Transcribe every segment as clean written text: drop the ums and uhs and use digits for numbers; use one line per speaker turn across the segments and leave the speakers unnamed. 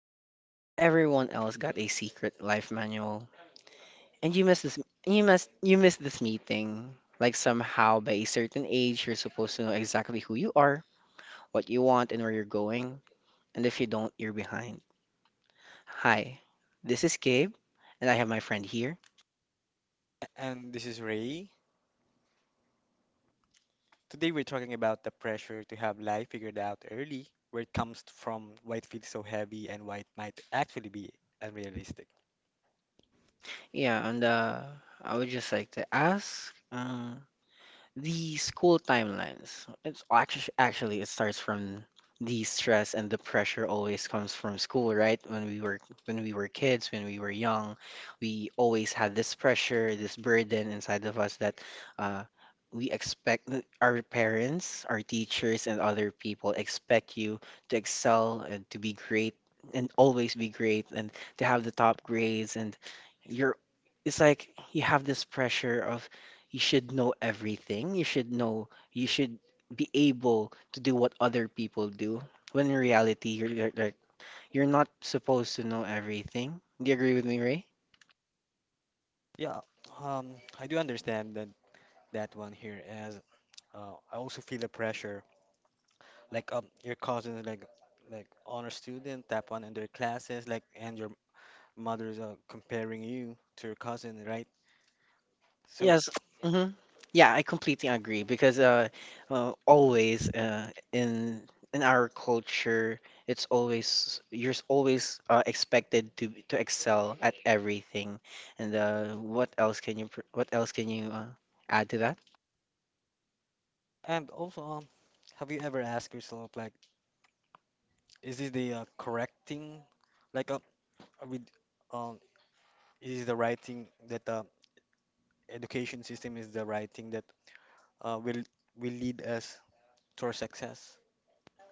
like everyone else got a secret life manual and you missed this meeting? Like somehow by a certain age you're supposed to know exactly who you are, what you want and where you're going, and if you don't, you're behind. Hi, this is Gabe and I have my friend here.
And this is Ray. Today we're talking about the pressure to have life figured out early, where it comes from, why it feels so heavy, and why it might actually be unrealistic.
Yeah, and I would just like to ask. The school timelines. Actually, it starts from the stress and the pressure always comes from school, right? When we were kids, when we were young, we always had this pressure, this burden inside of us that uh, we expect our parents, our teachers, and other people expect you to excel and to be great and always be great and to have the top grades and you're it's like you have this pressure of you should know everything. You should know, you should be able to do what other people do. When in reality, you're like, you're not supposed to know everything. Do you agree with me, Ray?
Yeah, um, I do understand that one here, as I also feel the pressure. Like your cousins, like honor student, tap one in their classes, like and your mother's comparing you to your cousin, right? So
Yes. Hmm. Yeah, I completely agree because always in our culture, it's always you're s- always expected to excel at everything. And what else can you add to that?
and also have you ever asked yourself like, is this the correct thing? Like with um is the right thing that the education system is the right thing that uh, will will lead us to our success.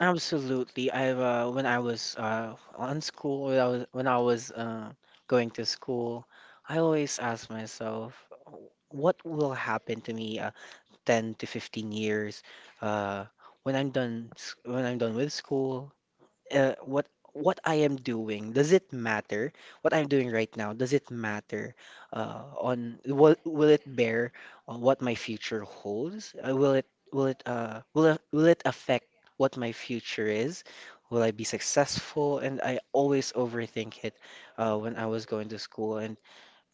Absolutely. I've when I was on school, when I was going to school, I always ask myself, what will happen to me 10 to 15 years uh, when I'm done with school? uh, what what I am doing, does it matter? What I'm doing right now, does it matter on will it bear on what my future holds? Will it affect what my future is? Will I be successful? And I always overthink it when I was going to school. And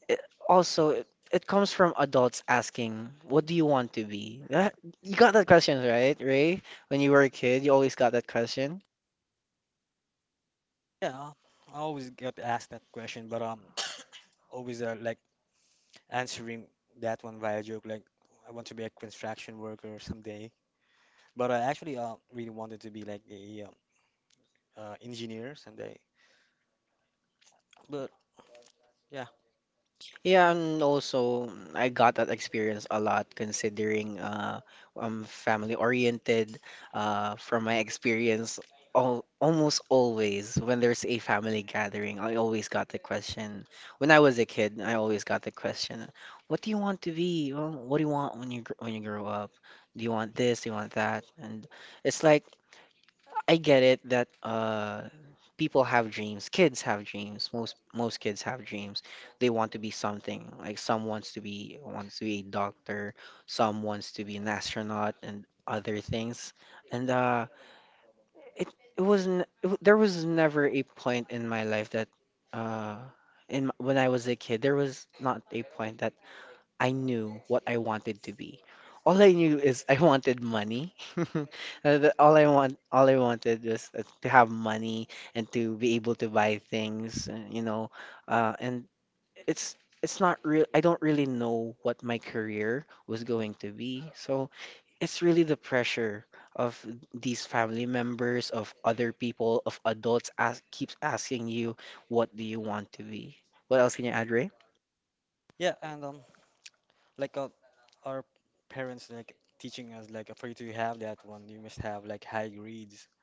it, also, it, it comes from adults asking, "What do you want to be?" You got that question, right, Ray? When you were a kid, you always got that question.
Yeah, I always get asked that question, but always like answering that one via joke, like I want to be a construction worker someday. But I actually really wanted to be like a engineer someday. But yeah,
Yeah, and also mm, I got that experience a lot considering I'm family oriented. From my experience, almost always when there's a family gathering, I always got the question. When I was a kid, I always got the question, "What do you want to be? Well, what do you want when you when you grow up? Do you want this? Do you want that?" And it's like I get it that people have dreams, kids have dreams. Most kids have dreams. They want to be something. Like some wants to be a doctor, some wants to be an astronaut and other things. And it it wasn't it, w- there was never a point in my life that uh when I was a kid there was not a point that I knew what I wanted to be. All I knew is I wanted money. All I wanted was to have money and to be able to buy things, you know. And it's it's not real. I don't really know what my career was going to be. So it's really the pressure of these family members, of other people, of keeps asking you, what do you want to be? What else can you add, Ray?
yeah, and like our parents like teaching us like for you to have that one, you must have like high grades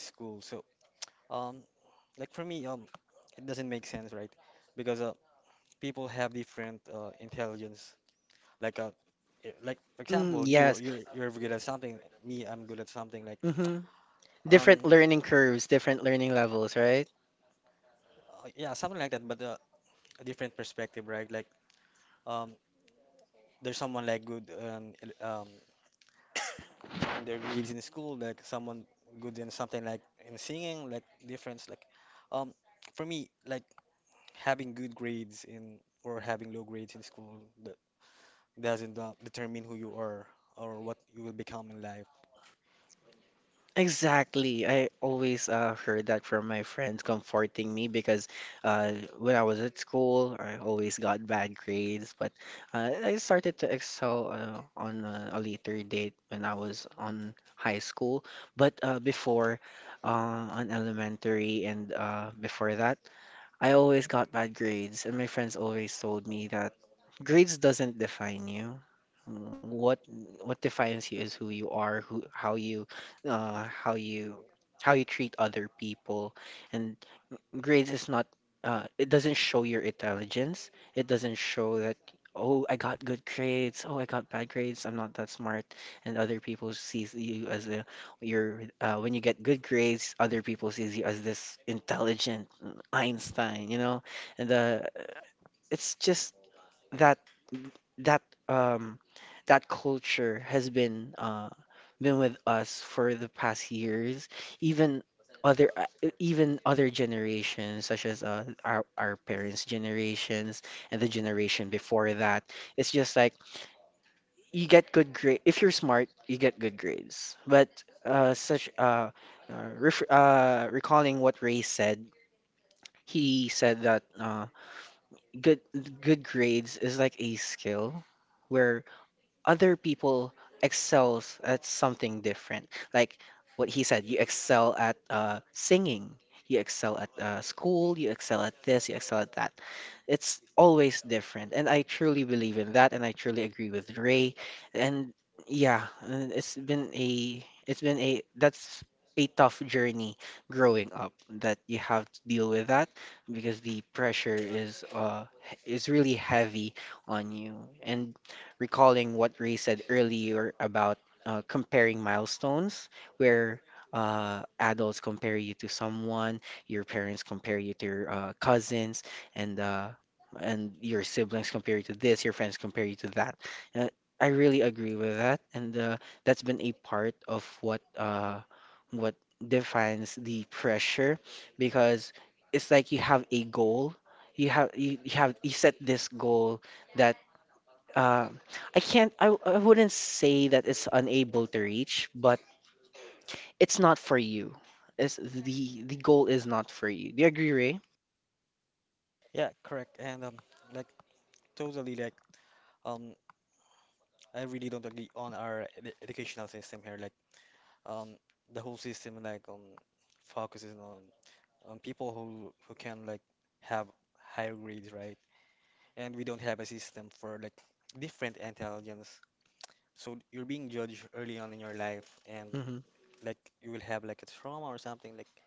in school. So Um, like for me, it doesn't make sense, right? Because people have different intelligence. Like like for
Mm,
example,
yes.
you're good at something. Me, I'm good at something. Like
Different
um,
learning curves, different learning levels, right?
yeah, something like that. But a different perspective, right? Like um, there's someone like good in their grades in school. Like someone good in something like in singing. Like difference. Like um, for me, like having good grades in or having low grades in school. Doesn't determine who you are or what you will become in life.
Exactly. I always heard that from my friends comforting me because when I was at school, I always got bad grades. But I started to excel on a later date when I was on high school. But before, on elementary and before that, I always got bad grades, and my friends always told me that grades doesn't define you. What what defines you is who you are, who how you uh, how you how you treat other people, and grades is not it doesn't show your intelligence. It doesn't show that, oh, I got good grades, oh, I got bad grades, I'm not that smart. And other people sees you as a your when you get good grades, other people sees you as this intelligent Einstein, you know? And it's just that that um that culture has been with us for the past years. Even even other generations such as our parents' generations and the generation before that. It's just like you get good grade if you're smart, you get good grades. But such ref recalling what Ray said, he said that good good grades is like a skill. Where other people excels at something different. Like what he said, you excel at singing, you excel at school, you excel at this, you excel at that. It's always different, and I truly believe in that, and I truly agree with Ray. And yeah, it's been a that's a tough journey growing up that you have to deal with that because the pressure is really heavy on you and recalling what Ray said earlier about comparing milestones, where adults compare you to someone, your parents compare you to your cousins, and your siblings compare you to this, your friends compare you to that. Uh, I really agree with that, and that's been a part of what defines the pressure, because it's like you have a goal, you have you set this goal that um, I can't, I wouldn't say that it's unable to reach, but it's not for you. It's the goal is not for you. Do you agree, Ray?
Yeah, correct. And like totally like um, I really don't agree on our ed educational system here. Like um, the whole system like focuses on people who can like have higher grades, right? And we don't have a system for like different intelligence. So you're being judged early on in your life, and
Hmm.
like you will have like a trauma or something like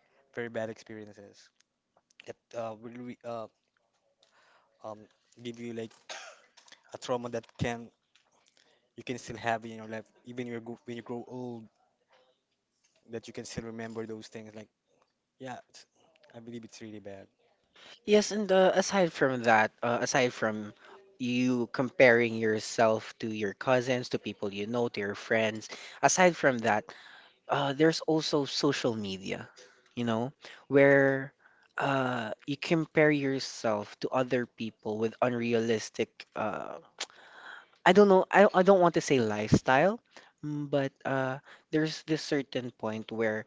very bad experiences that will re um, give you like a trauma that can you can still have in your life, even when you grow old, that you can still remember those things. Like, yeah, it's, I believe it's really bad.
Yes, and aside from that, aside from you comparing yourself to your cousins, to people you know, to your friends, aside from that, there's also social media, you know, where you compare yourself to other people with unrealistic I don't know. I don't want to say lifestyle, mm, but there's this certain point where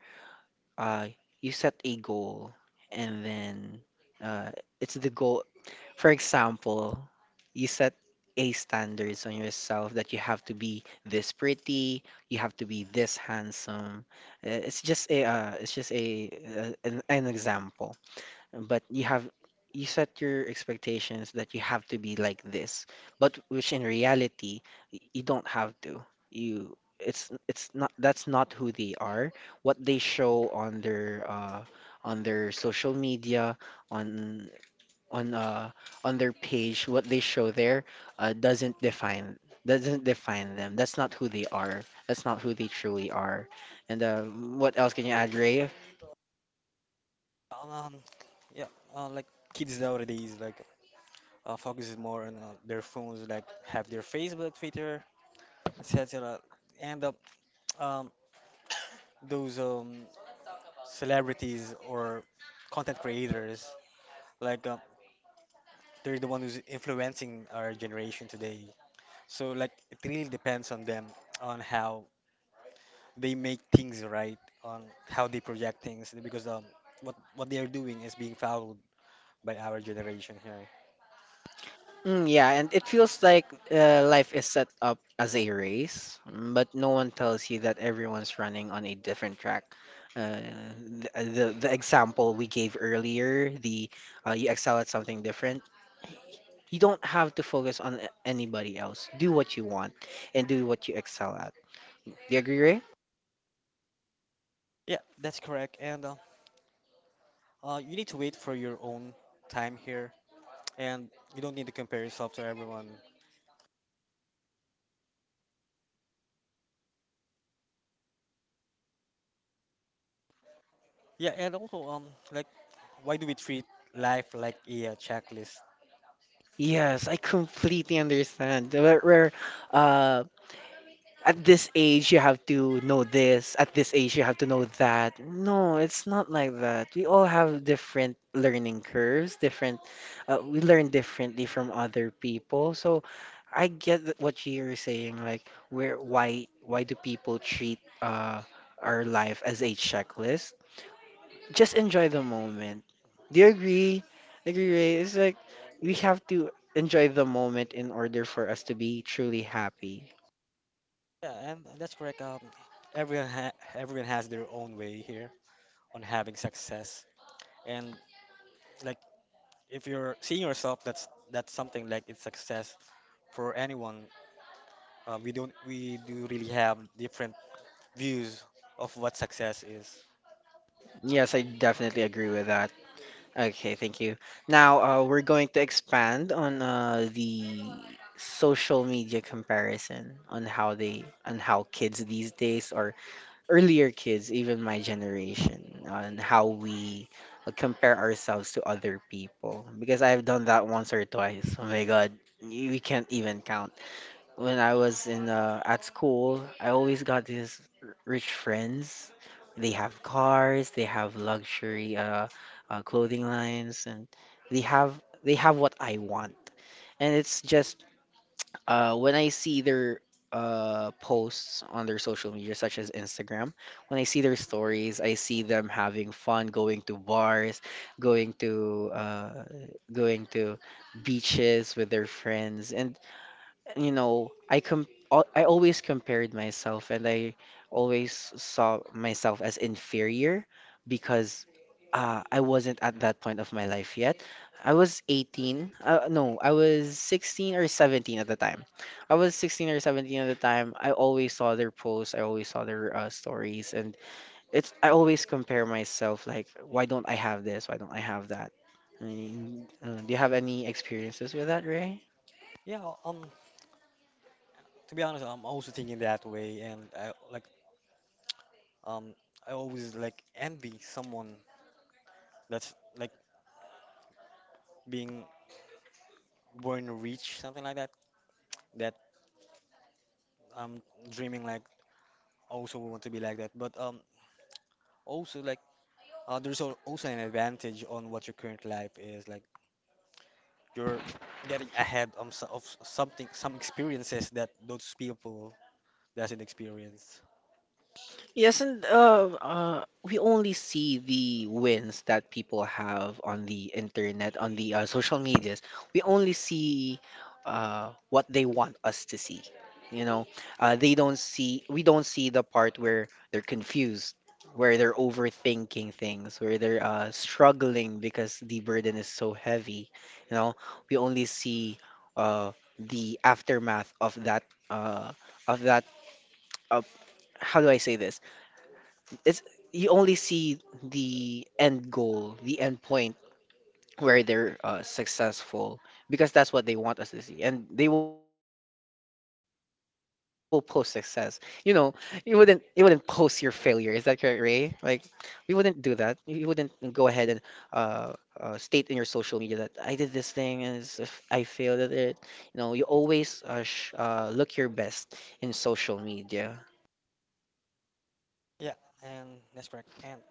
uh, you set a goal and then uh, it's the goal. For example, you set a standards on yourself that you have to be this pretty, you have to be this handsome. It's just an example but you set your expectations that you have to be like this, but which in reality you don't have to. You it's not That's not who they are. What they show on their social media, on on uh on their page, what they show there uh doesn't define doesn't define them. That's not who they are. That's not who they truly are. And what else can you add, Ray?
Um, um, yeah, like kids nowadays, like focuses more on their phones, like have their Facebook, Twitter, etc. And um, those celebrities or content creators, like they're the one who's influencing our generation today. So like it really depends on them on how they make things right, on how they project things because what they are doing is being followed by our generation here.
Mm, yeah, and it feels like life is set up as a race, mm, but no one tells you that everyone's running on a different track. Uh, the example we gave earlier, the you excel at something different. You don't have to focus on anybody else. Do what you want and do what you excel at. Do you agree, Ray?
Yeah, that's correct. And you need to wait for your own time here and you don't need to compare yourself to everyone. Yeah, and also like why do we treat life like a checklist?
Yes, I completely understand. Where uh, at this age you have to know this, at this age you have to know that. No, it's not like that. We all have different learning curves, different we learn differently from other people. So I get what you're saying, like where why do people treat our life as a checklist? Just enjoy the moment. Do you agree? Agree, Ray? It's like we have to enjoy the moment in order for us to be truly happy.
Yeah, and that's correct. Everyone has their own way here on having success and like if you're seeing yourself that's something like it's success for anyone we don't we do really have different views of what success is
Yes, I definitely agree with that. Okay, thank you. Now, we're going to expand on the social media comparison on how they on how kids these days or earlier kids, even my generation, on how we compare ourselves to other people. Because I've done that once or twice. Oh my God, we can't even count when I was in at school, I always got these rich friends. They have cars, they have luxury clothing lines, and they have what I want. And it's just when I see their posts on their social media, such as Instagram, when I see their stories, I see them having fun, going to bars, going to going to beaches with their friends, and you know, I always compared myself and I always saw myself as inferior because I wasn't at that point of my life yet. I was 18. No, I was 16 or 17 at the time. I was 16 or 17 at the time. I always saw their posts. I always saw their stories, and it's I always compare myself like, why don't I have this? Why don't I have that? I mean, do you have any experiences with that, Ray?
yeah to be honest I'm also thinking that way and I like um I always like envy someone that's like being born rich something like that that I'm dreaming like also want to be like that but also like also an advantage on what your current life is like You're getting ahead of, of something, some experiences that those people doesn't experience.
Yes, and we only see the wins that people have on the internet, on the social medias. We only see what they want us to see. You know, they don't see, we don't see the part where they're confused, where they're overthinking things, where they're struggling because the burden is so heavy. You know, we only see uh, the aftermath of that, uh, of that, uh, how do I say this? It's You only see the end goal, the end point where they're successful because that's what they want us to see, and they will post success. You know, you wouldn't post your failure. Is that correct, Ray? Like, we wouldn't do that. You wouldn't go ahead and uh, state in your social media that I did this thing and if I failed at it. You know, you always sh look your best in social media.
Yeah, and that's correct.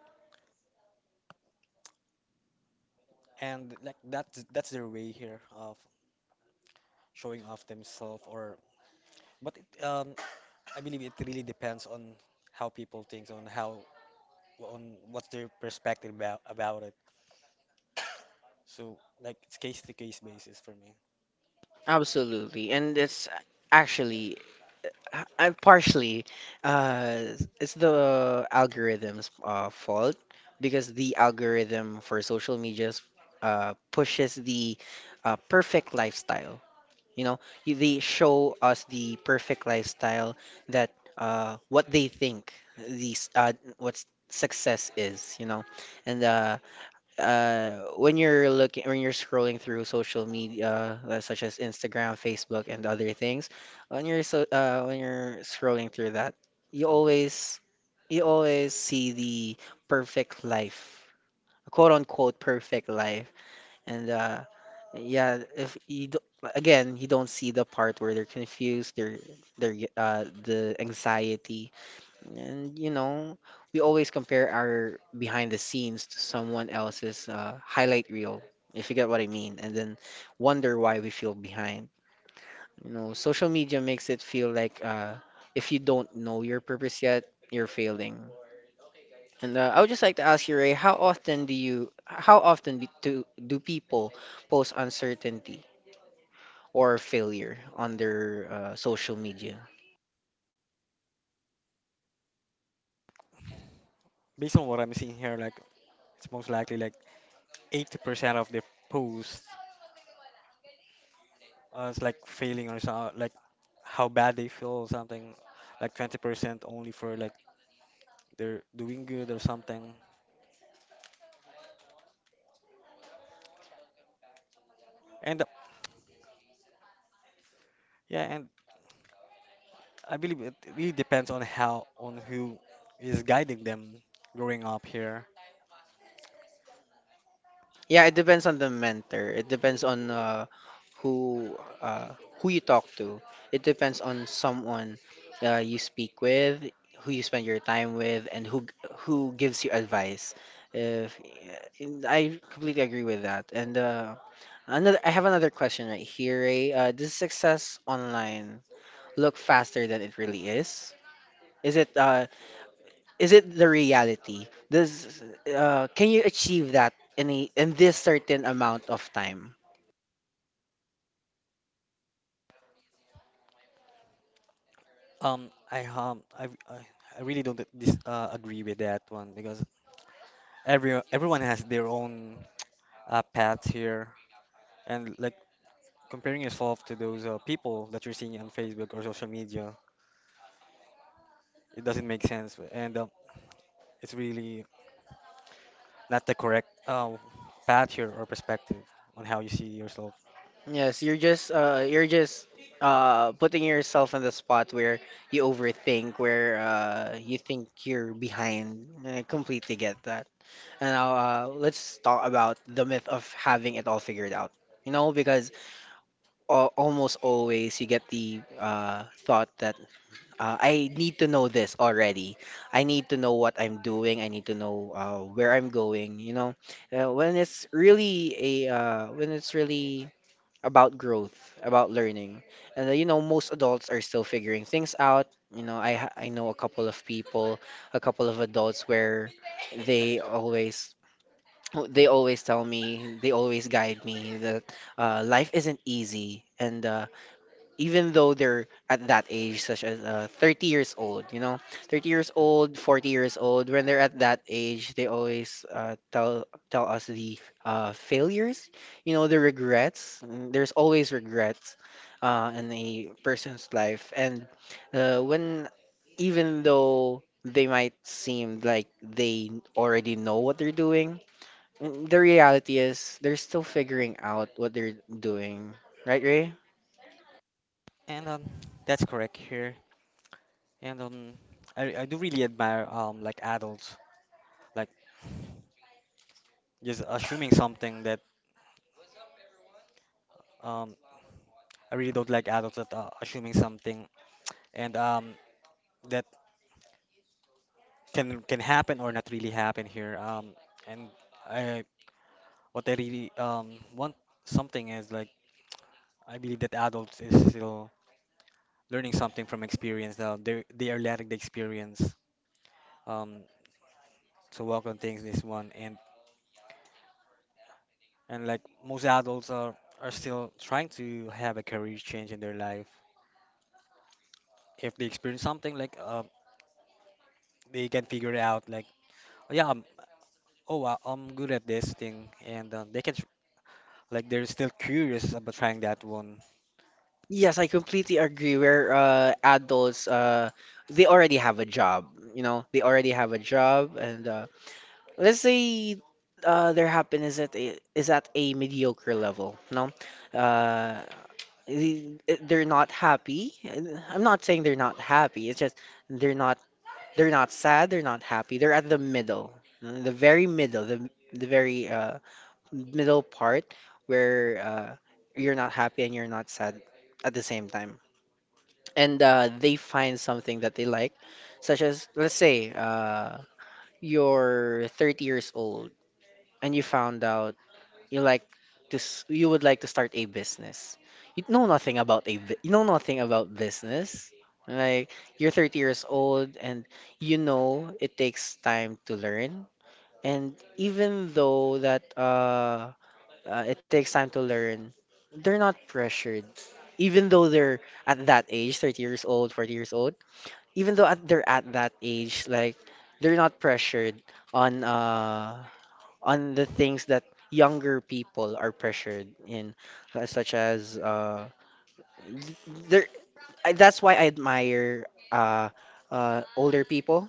And like that's their way here of showing off themselves or but it, I believe it really depends on how people think on how on what's their perspective about it. So like it's case to case basis for me.
Absolutely, and it's actually I- I've partially, uh, it's the algorithm's fault because the algorithm for social medias pushes the perfect lifestyle. You know, they show us the perfect lifestyle that what they think these what success is. You know, and when you're looking when you're scrolling through social media such as Instagram, Facebook, and other things, when you're scrolling through that, you always you always see the perfect life, quote unquote perfect life, and yeah, if you do, again you don't see the part where they're confused, the anxiety and you know, we always compare our behind the scenes to someone else's highlight reel, if you get what I mean, and then wonder why we feel behind. You know, social media makes it feel like if you don't know your purpose yet, you're failing. And I would just like to ask you, Ray, how often do people post uncertainty or failure on their social media?
Based on what I'm seeing here, like it's most likely like 80% of the posts it's like failing or something, like how bad they feel or something, like 20% only for like they're doing good or something. And yeah, and I believe it really depends on how on who is guiding them growing up here.
Yeah, it depends on the mentor. It depends on who who you talk to. It depends on someone you speak with, who you spend your time with, and who gives you advice. If and I completely agree with that. And I have another question right here, Ray. Does success online look faster than it really is? Is it uh, is it the reality? Does can you achieve that in in this certain amount of time?
Um, I um, I, I I really don't dis agree with that one because everyone has their own paths here, and like comparing yourself to those people that you're seeing on Facebook or social media, it doesn't make sense. And it's really not the correct path here or perspective on how you see yourself.
Yes, you're just putting yourself in the spot where you overthink, where you think you're behind. I completely get that. And now let's talk about the myth of having it all figured out. You know, because al almost always you get the thought that I need to know this already. I need to know what I'm doing. I need to know where I'm going. You know, when it's really about growth, about learning, and you know most adults are still figuring things out. You know, I know a couple of people, a couple of adults where they always they always tell me, they always guide me that life isn't easy and even though they're at that age, such as 30 years old, you know, 30 years old, 40 years old, when they're at that age, they always tell us the failures, you know, the regrets. Mm, there's always regrets in a person's life, and when even though they might seem like they already know what they're doing, mm, the reality is they're still figuring out what they're doing, right, Ray?
And that's correct here. And I do really admire like adults, like just assuming something that um, I really don't like adults that assuming something and that can happen or not really happen here. And I what I really want something is like I believe that adults is still learning something from experience. They are letting the experience. Um, to work on things this one and like most adults are still trying to have a career change in their life if they experience something like they can figure it out like "Oh, I'm good at this thing and they can like they're still curious about trying that one
Yes, I completely agree. Where adults, they already have a job. You know, they already have a job, and let's say their happiness is at is at a mediocre level. No, uh, the- they're not happy. I'm not saying they're not happy. It's just they're not they're not sad. They're not happy. They're at the middle, the very middle, the very middle part where you're not happy and you're not sad at the same time and they find something that they like, such as, let's say, you're 30 years old and you found out you like you would like to start a business. You know nothing about business. Like you're 30 years old and you know it takes time to learn. And even though that it takes time to learn, they're not pressured. Even though they're at that age, 30 years old, 40 years old, they're at that age, like they're not pressured on uh on the things that younger people are pressured in, such as th- there I, that's why I admire older people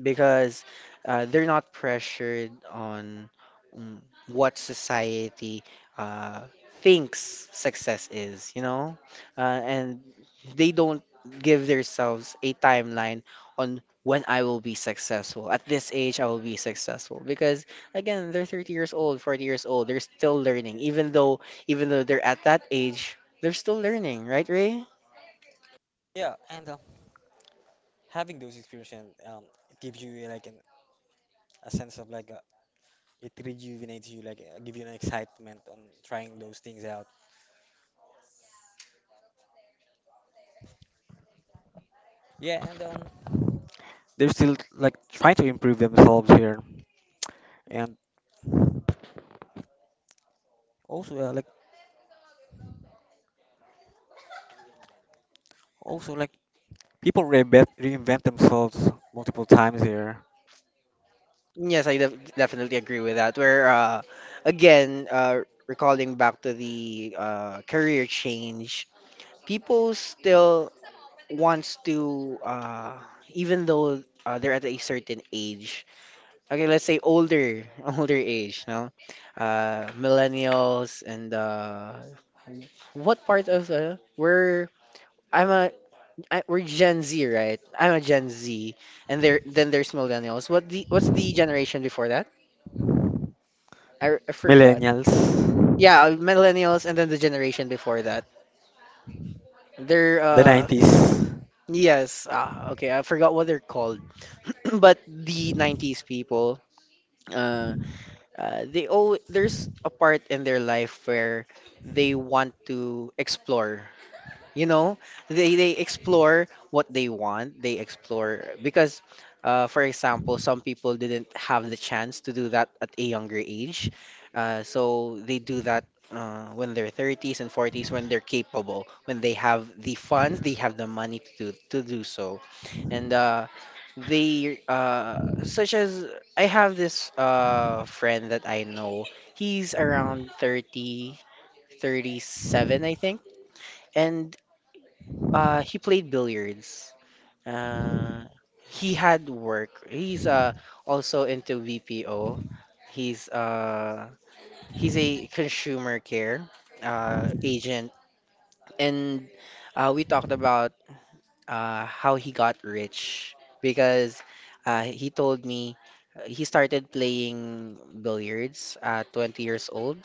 because they're not pressured on mm, what society uh, thinks success is, you know, and they don't give themselves a timeline on when I will be successful. At this age, I will be successful because again, they're 30 years old, 40 years old. They're still learning, even though they're at that age, they're still learning, right, Ray?
yeah and having those experiences it gives you like a sense of like it rejuvenates you like give you an excitement on trying those things out yeah and they're still like trying to improve themselves here and Also, like also like people reinvent themselves multiple times here.
Yes, I definitely agree with that. Where again, uh, recalling back to the career change, people still wants to even though they're at a certain age. Okay, let's say older, older age, no? Millennials and what part of we're I'm a I, we're Gen Z, right? I'm a Gen Z, and there then there's millennials. What's the generation before I forgot.
Millennials,
Yeah, millennials and then the generation before that. They're
the 90s.
yes, ah, okay, I forgot what they're called. But the 90s people, uh, they all there's a part in their life where they want to explore, you know, they explore what they want, they explore because for example some people didn't have the chance to do that at a younger age, so they do that when they're 30s and 40s, when they're capable, when they have the funds, they have the money to do so. And they such as I have this friend that I know, he's around 37, I think, and he played billiards. Uh he had work. He's also into VPO. He's uh he's a consumer care agent, and we talked about how he got rich because he told me he started playing billiards at 20 years old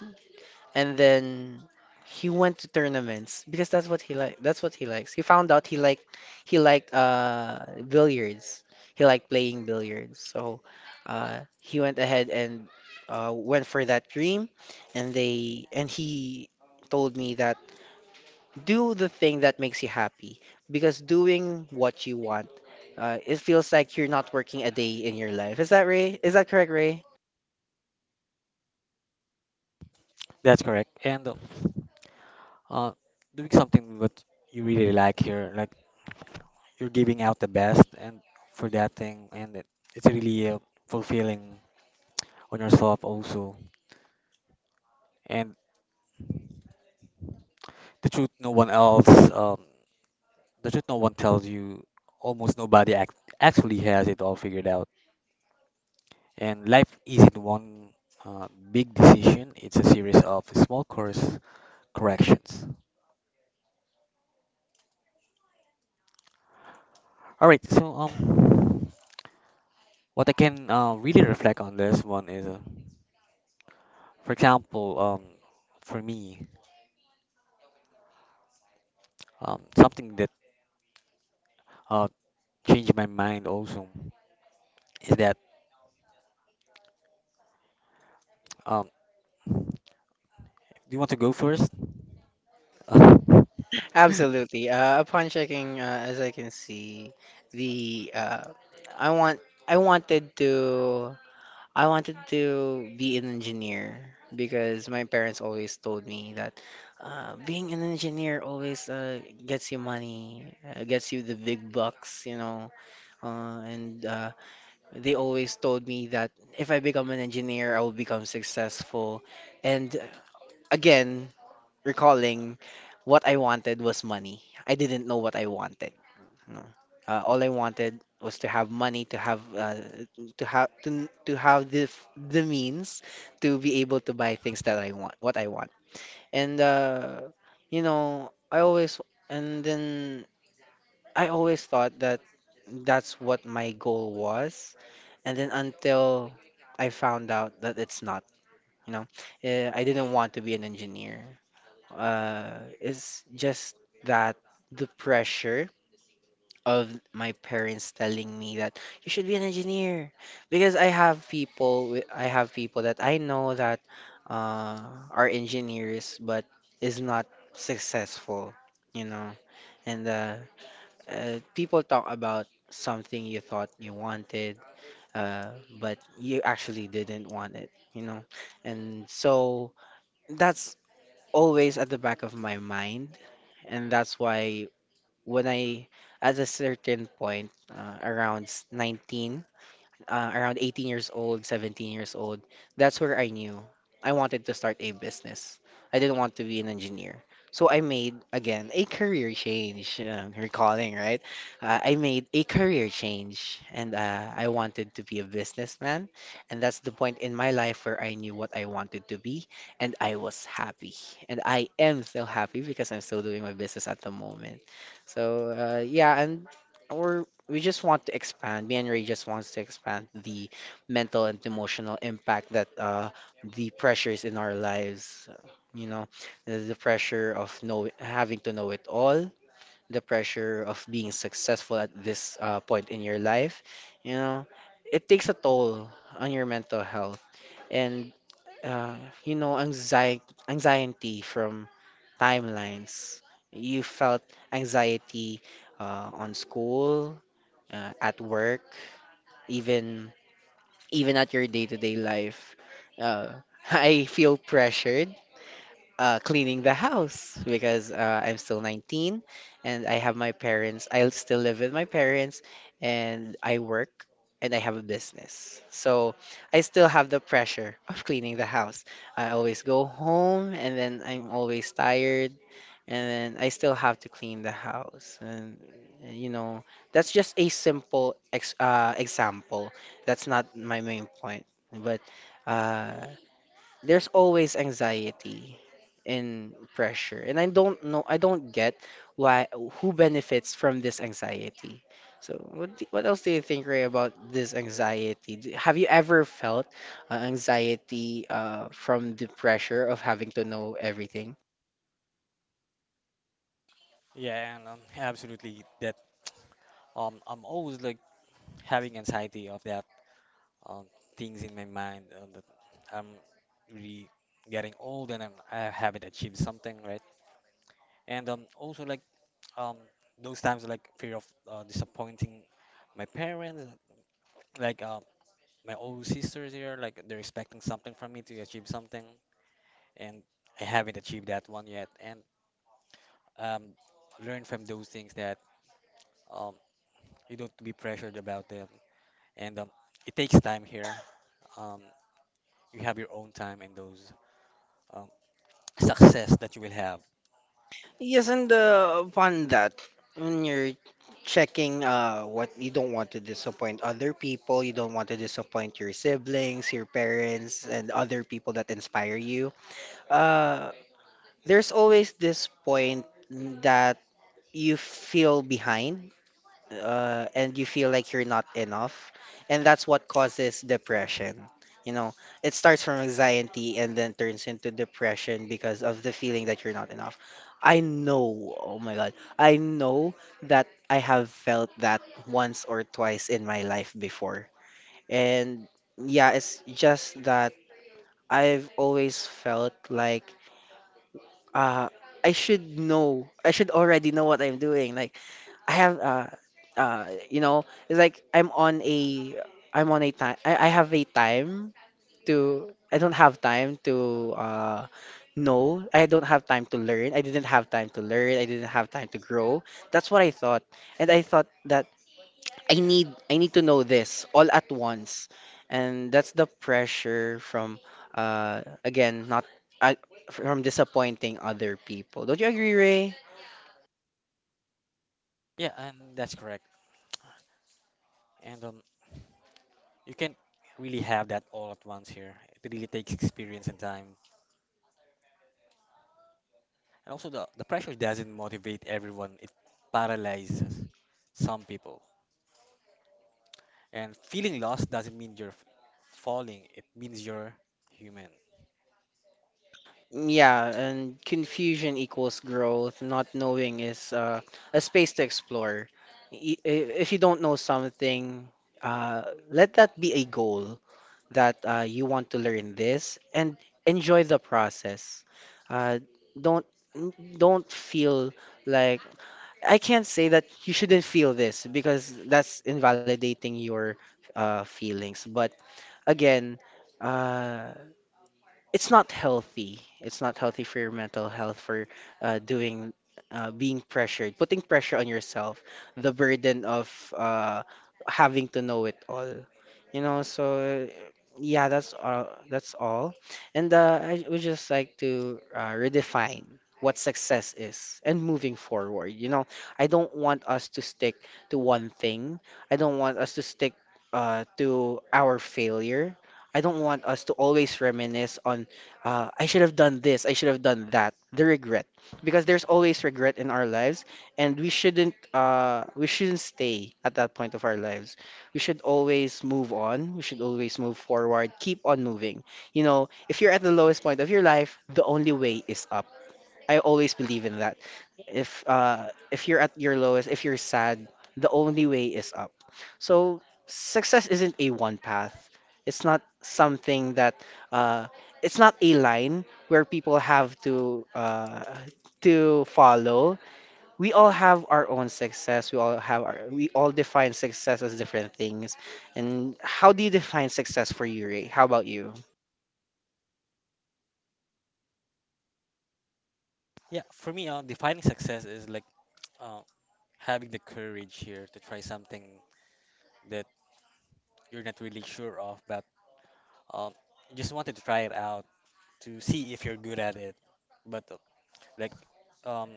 and then he went to tournaments because that's what he likes. He found out he liked billiards. He liked playing billiards. So he went ahead and went for that dream, and they and he told me that do the thing that makes you happy because doing what you want, it feels like you're not working a day in your life. Is that Ray? Is that correct, Ray?
That's correct. And uh, doing something what you really like here, like you're giving out the best and for that thing, and it, it's really fulfilling on yourself also. And the truth no one else, um, the truth no one tells you, almost nobody actually has it all figured out. And life isn't one big decision, it's a series of small course corrections. All right, so what I can really reflect on this one is, for example, for me, something that uh, changed my mind also is that um, do you want to go first?
Absolutely. Upon checking, as I can see, the I want I wanted to be an engineer because my parents always told me that being an engineer always gets you money, gets you the big bucks, you know. And They always told me that if I become an engineer, I will become successful. And again, recalling, what I wanted was money. I didn't know what I wanted. No. All I wanted was to have money, to have to have the means to be able to buy things that I want, what I want. And you know, and then I always thought that that's what my goal was. And then until I found out that it's not, you know, I didn't want to be an engineer. It's just that the pressure of my parents telling me that you should be an engineer because I have people that I know that uh, are engineers but is not successful, you know. And people talk about something you thought you wanted, but you actually didn't want it, you know. And so that's always at the back of my mind and that's why when I, at a certain point, 19, around 18 years old, 17 years old, that's where I knew I wanted to start a business. I didn't want to be an engineer. So I made, again, a career change, recalling, right? I made a career change and I wanted to be a businessman. And that's the point in my life where I knew what I wanted to be and I was happy. And I am still happy because I'm still doing my business at the moment. So yeah, and we we just want to expand. Me and Ray just wants to expand the mental and emotional impact that the pressures in our lives, you know, the pressure of know having to know it all, the pressure of being successful at this point in your life, you know, it takes a toll on your mental health and uh, anxiety, anxiety from timelines. You felt anxiety on school, at work, even even at your day-to-day life. Uh, I feel pressured cleaning the house because I'm still 19 and I have my parents. I still live with my parents and I work and I have a business. So I still have the pressure of cleaning the house. I always go home and then I'm always tired and then I still have to clean the house. You know, that's just a simple ex example. That's not my main point. But uh, there's always anxiety and pressure and I don't know. I don't get why. Who benefits from this anxiety? So what, what else do you think, Ray, about this anxiety? Have you ever felt anxiety from the pressure of having to know everything?
yeah, and absolutely. That I'm always like having anxiety of that um, things in my mind. That I'm really getting old and I haven't achieved something, right? And also like um, those times like fear of disappointing my parents, like my old sisters here, like they're expecting something from me to achieve something, and I haven't achieved that one yet. And um, learn from those things that um, you don't be pressured about them, and it takes time here. Um, you have your own time and those. Um, success that you will have.
Yes, and upon that, when you're checking what, you don't want to disappoint other people, you don't want to disappoint your siblings, your parents and other people that inspire you. uh, there's always this point that you feel behind, and you feel like you're not enough. And that's what causes depression. You know, it starts from anxiety and then turns into depression because of the feeling that you're not enough. I know, oh my God, I know that I have felt that once or twice in my life before. And yeah, it's just that I've always felt like uh I should know. I should already know what I'm doing. Like I have uh you know, it's like I'm on a time. I have a time to, I don't have time to know. I don't have time to learn. I didn't have time to learn. I didn't have time to grow. That's what I thought. And I thought that I need to know this all at once, and that's the pressure from again, not uh, from disappointing other people. Don't you agree, Ray?
Yeah, and that's correct. And you can't really have that all at once here. It really takes experience and time. And also, the pressure doesn't motivate everyone, it paralyzes some people. And feeling lost doesn't mean falling, it means you're human.
Yeah, and confusion equals growth. Not knowing is a space to explore. If you don't know something, let that be a goal that you want to learn this and enjoy the process. Uh, don't, don't feel like, I can't say that you shouldn't feel this because that's invalidating your feelings. But again, uh, it's not healthy. It's not healthy for your mental health, for doing, being pressured, putting pressure on yourself, the burden of uh, having to know it all. You know, so yeah, that's all. That's all. And I would just like to redefine what success is and moving forward. You know, I don't want us to stick to one thing. I don't want us to stick to our failure. I don't want us to always reminisce on, I should have done this, I should have done that, the regret, because there's always regret in our lives, and we shouldn't stay at that point of our lives. We should always move on. We should always move forward. Keep on moving. You know, if you're at the lowest point of your life, the only way is up. I always believe in that. If you're at your lowest, if you're sad, the only way is up. So success isn't a one path. It's not something that uh it's not a line where people have to follow. We all have our own success. We all define success as different things. And how do you define success for you, Ray? How about you?
Yeah, for me, defining success is like uh, having the courage here to try something that you're not really sure of, but um, you just wanted to try it out to see if you're good at it. But Like, um,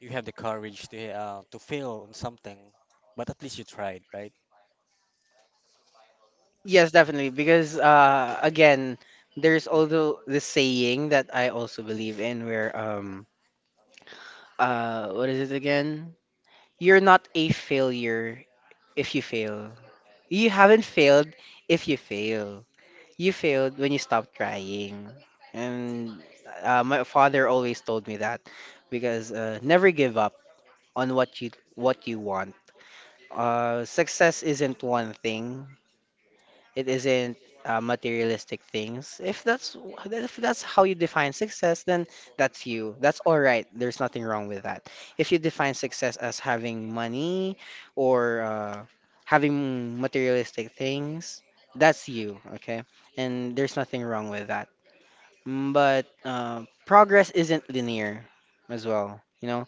you have the courage to fail on something, but at least you tried, right?
Yes, definitely. Because again, there's also this saying that I also believe in where what is it again? You're not a failure if you fail. You haven't failed if you fail. You failed when you stop trying. And my father always told me that because never give up on what you want. Success isn't one thing. It isn't materialistic things. If that's, if that's how you define success, then that's you. That's all right. There's nothing wrong with that. If you define success as having money or having materialistic things, that's you, okay? And there's nothing wrong with that. Mm, but progress isn't linear as well. You know,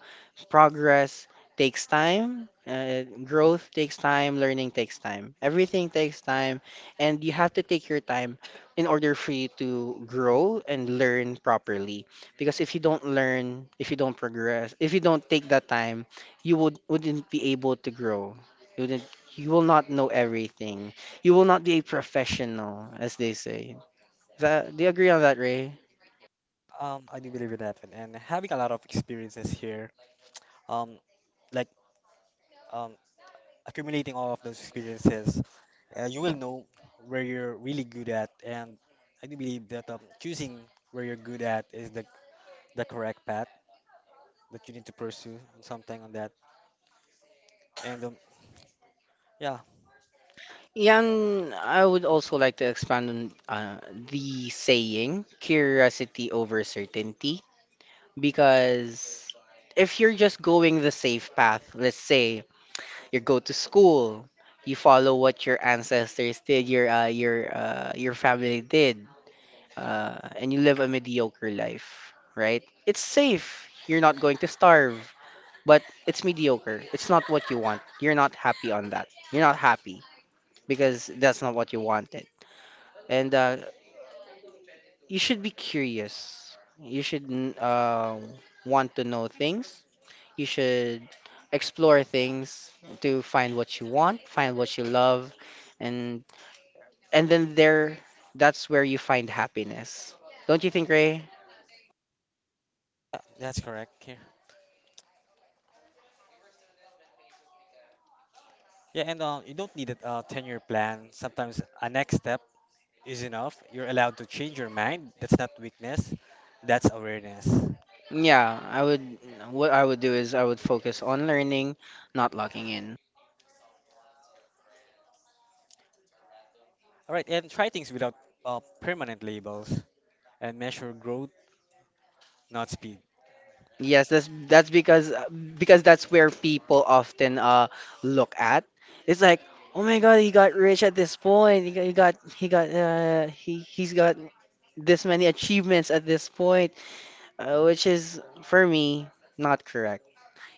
progress takes time, growth takes time, learning takes time. Everything takes time, and you have to take your time in order for you to grow and learn properly. Because if you don't learn, if you don't progress, if you don't take that time, you wouldn't be able to grow. You wouldn't, you will not know everything. You will not be a professional, as they say. Do you agree on that, Ray?
I do believe in that, and having a lot of experiences here, um, like um, accumulating all of those experiences, you will know where you're really good at, and I do believe that choosing where you're good at is the correct path that you need to pursue and something on that, and yeah,
Yan, I would also like to expand on uh, the saying curiosity over certainty, because if you're just going the safe path, let's say you go to school, you follow what your ancestors did, your family did, and you live a mediocre life, right? It's safe. You're not going to starve, but it's mediocre. It's not what you want. You're not happy on that. You're not happy because that's not what you wanted, and you should be curious. You should want to know things. You should explore things to find what you want, find what you love, and and then there, that's where you find happiness. Don't you think, Ray?
that's correct here. Yeah, and you don't need a 10-year plan. Sometimes a next step is enough. You're allowed to change your mind. That's not weakness, that's awareness. All
Yeah, I would. What I would do is I would focus on learning, not locking in.
right, and try things without permanent labels and measure growth, not speed.
Yes, that's because that's where people often look at. It's like, oh my God, he got rich at this point. He got he's got this many achievements at this point, which is for me not correct.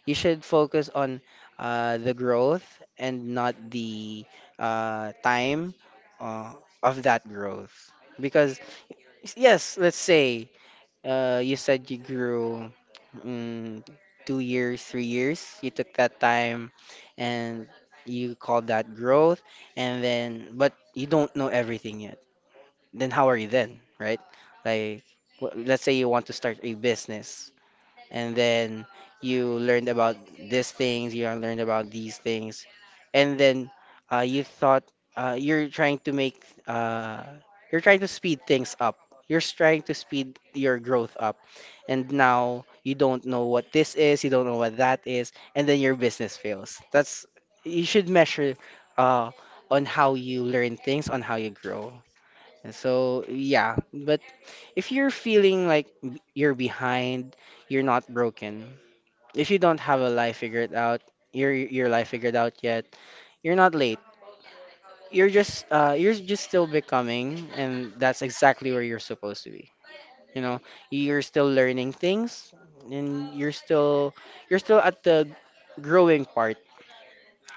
You should focus on the growth and not the time uh, of that growth because, yes, let's say you said you grew mm, 2 years, 3 years. You took that time and you called that growth. And then, but you don't know everything yet. Then how are you then, right? Like, let's say you want to start a business and then you learned about these things, and then you thought you're trying to make, uh, you're trying to speed things up. You're trying to speed your growth up, and now you don't know what this is, you don't know what that is, and then your business fails. That's, you should measure uh, on how you learn things, on how you grow. And so, yeah, but if you're feeling like, you're behind, you're not broken. If you don't have a life figured out, your life figured out yet, you're not late. You're just still becoming, and that's exactly where you're supposed to be. You know, you're still learning things, and you're still at the growing part.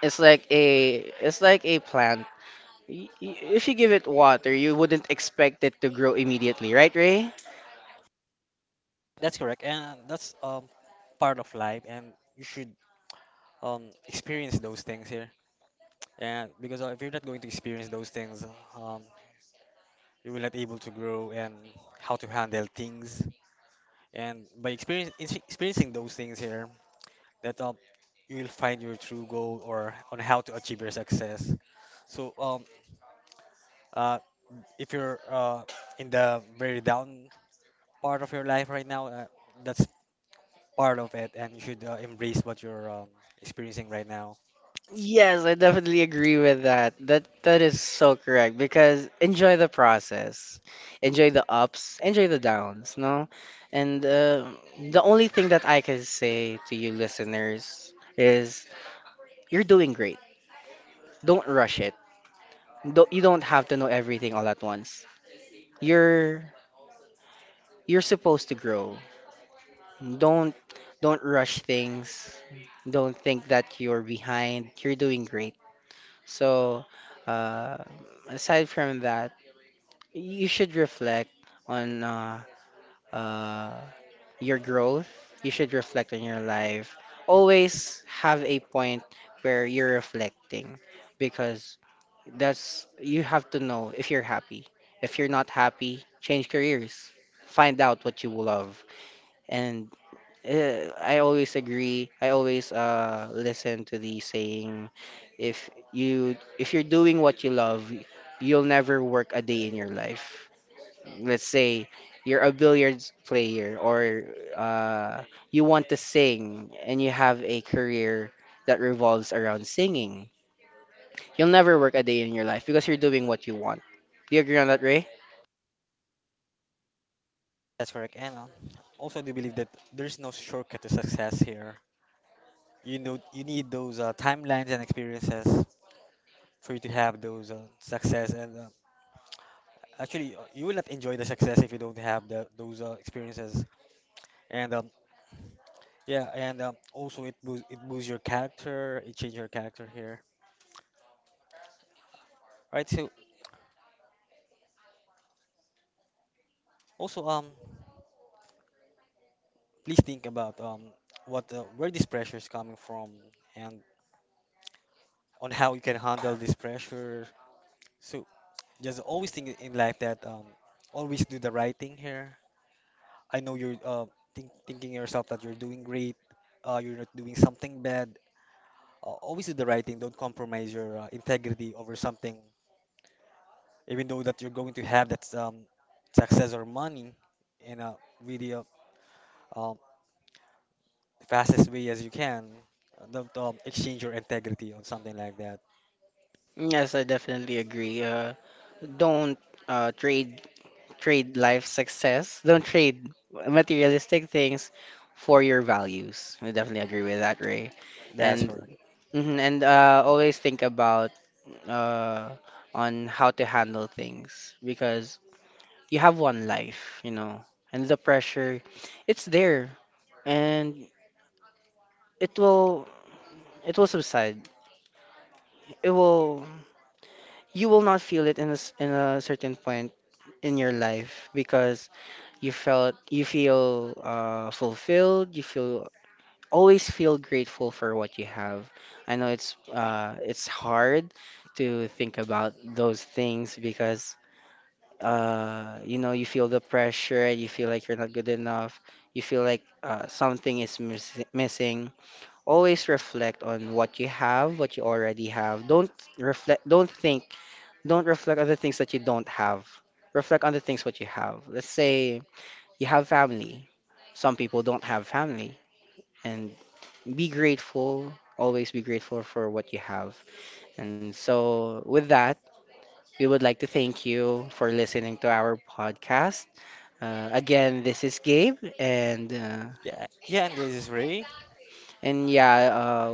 It's like a plant. If you give it water, you wouldn't expect it to grow immediately, right, Ray?
That's correct, and that's part of life, and you should experience those things here. And because if you're not going to experience those things, um, you will not able to grow and how to handle things. And by experience, experiencing those things here, that you will find your true goal or on how to achieve your success. So uh if you're in the very down part of your life right now, that's part of it, and you should embrace what you're experiencing right now.
Yes, I definitely agree with that. That is so correct because enjoy the process, enjoy the ups, enjoy the downs, no? And the only thing that I can say to you listeners is, you're doing great. Don't rush it. Don't, you don't have to know everything all at once. You're you're supposed to grow. Don't don't rush things. Don't think that you're behind. You're doing great. So, uh, aside from that, you should reflect on uh, your growth. You should reflect on your life. Always have a point where you're reflecting, because that's, you have to know if you're happy. If you're not happy, change careers. Find out what you love. And I always agree. I always listen to the saying, if you if you're doing what you love, you'll never work a day in your life. Let's say you're a billiards player or uh, you want to sing and you have a career that revolves around singing, you'll never work a day in your life because you're doing what you want. Do you agree on that, Ray?
That's correct. And also, I do believe that there's no shortcut to success here. You know, you need those timelines and experiences for you to have those success. And you will not enjoy the success if you don't have those experiences. And yeah, and also it boosts your character, it changes your character here. Right, so also please think about what the, where this pressure is coming from and on how you can handle this pressure. So just always think in life that always do the right thing here. I know you're thinking yourself that you're doing great, you're not doing something bad. Always do the right thing. Don't compromise your integrity over something even though that you're going to have that success or money in a really um, fastest way as you can. Don't exchange your integrity or something like that.
Yes, I definitely agree. Don't trade, life success. Don't trade materialistic things for your values. I definitely agree with that, Ray.
That's
And
correct.
mhm, and always think about uh, on how to handle things, because you have one life, you know, and the pressure, it's there, and it will it will subside. It will You will not feel it in in a certain point in your life because you feel fulfilled. You feel, always feel grateful for what you have. I know it's hard to think about those things because you know, you feel the pressure, you feel like you're not good enough, you feel like something is missing. Always reflect on what you have, what you already have. Reflect, don't think, don't reflect on the things that you don't have. Reflect on the things what you have. Let's say you have family. Some people don't have family, and be grateful. Always be grateful for what you have. And so, with that, we would like to thank you for listening to our podcast. Again, this is Gabe,
Yeah, yeah. And this is Ray.
and yeah,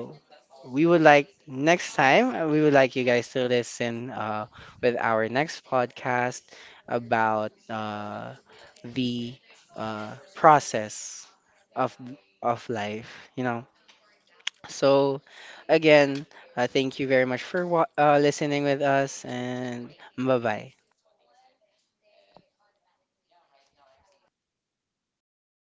we would like next time we would like you guys to listen with our next podcast about the process of of life, you know. So again, thank you very much for listening with us, and bye bye.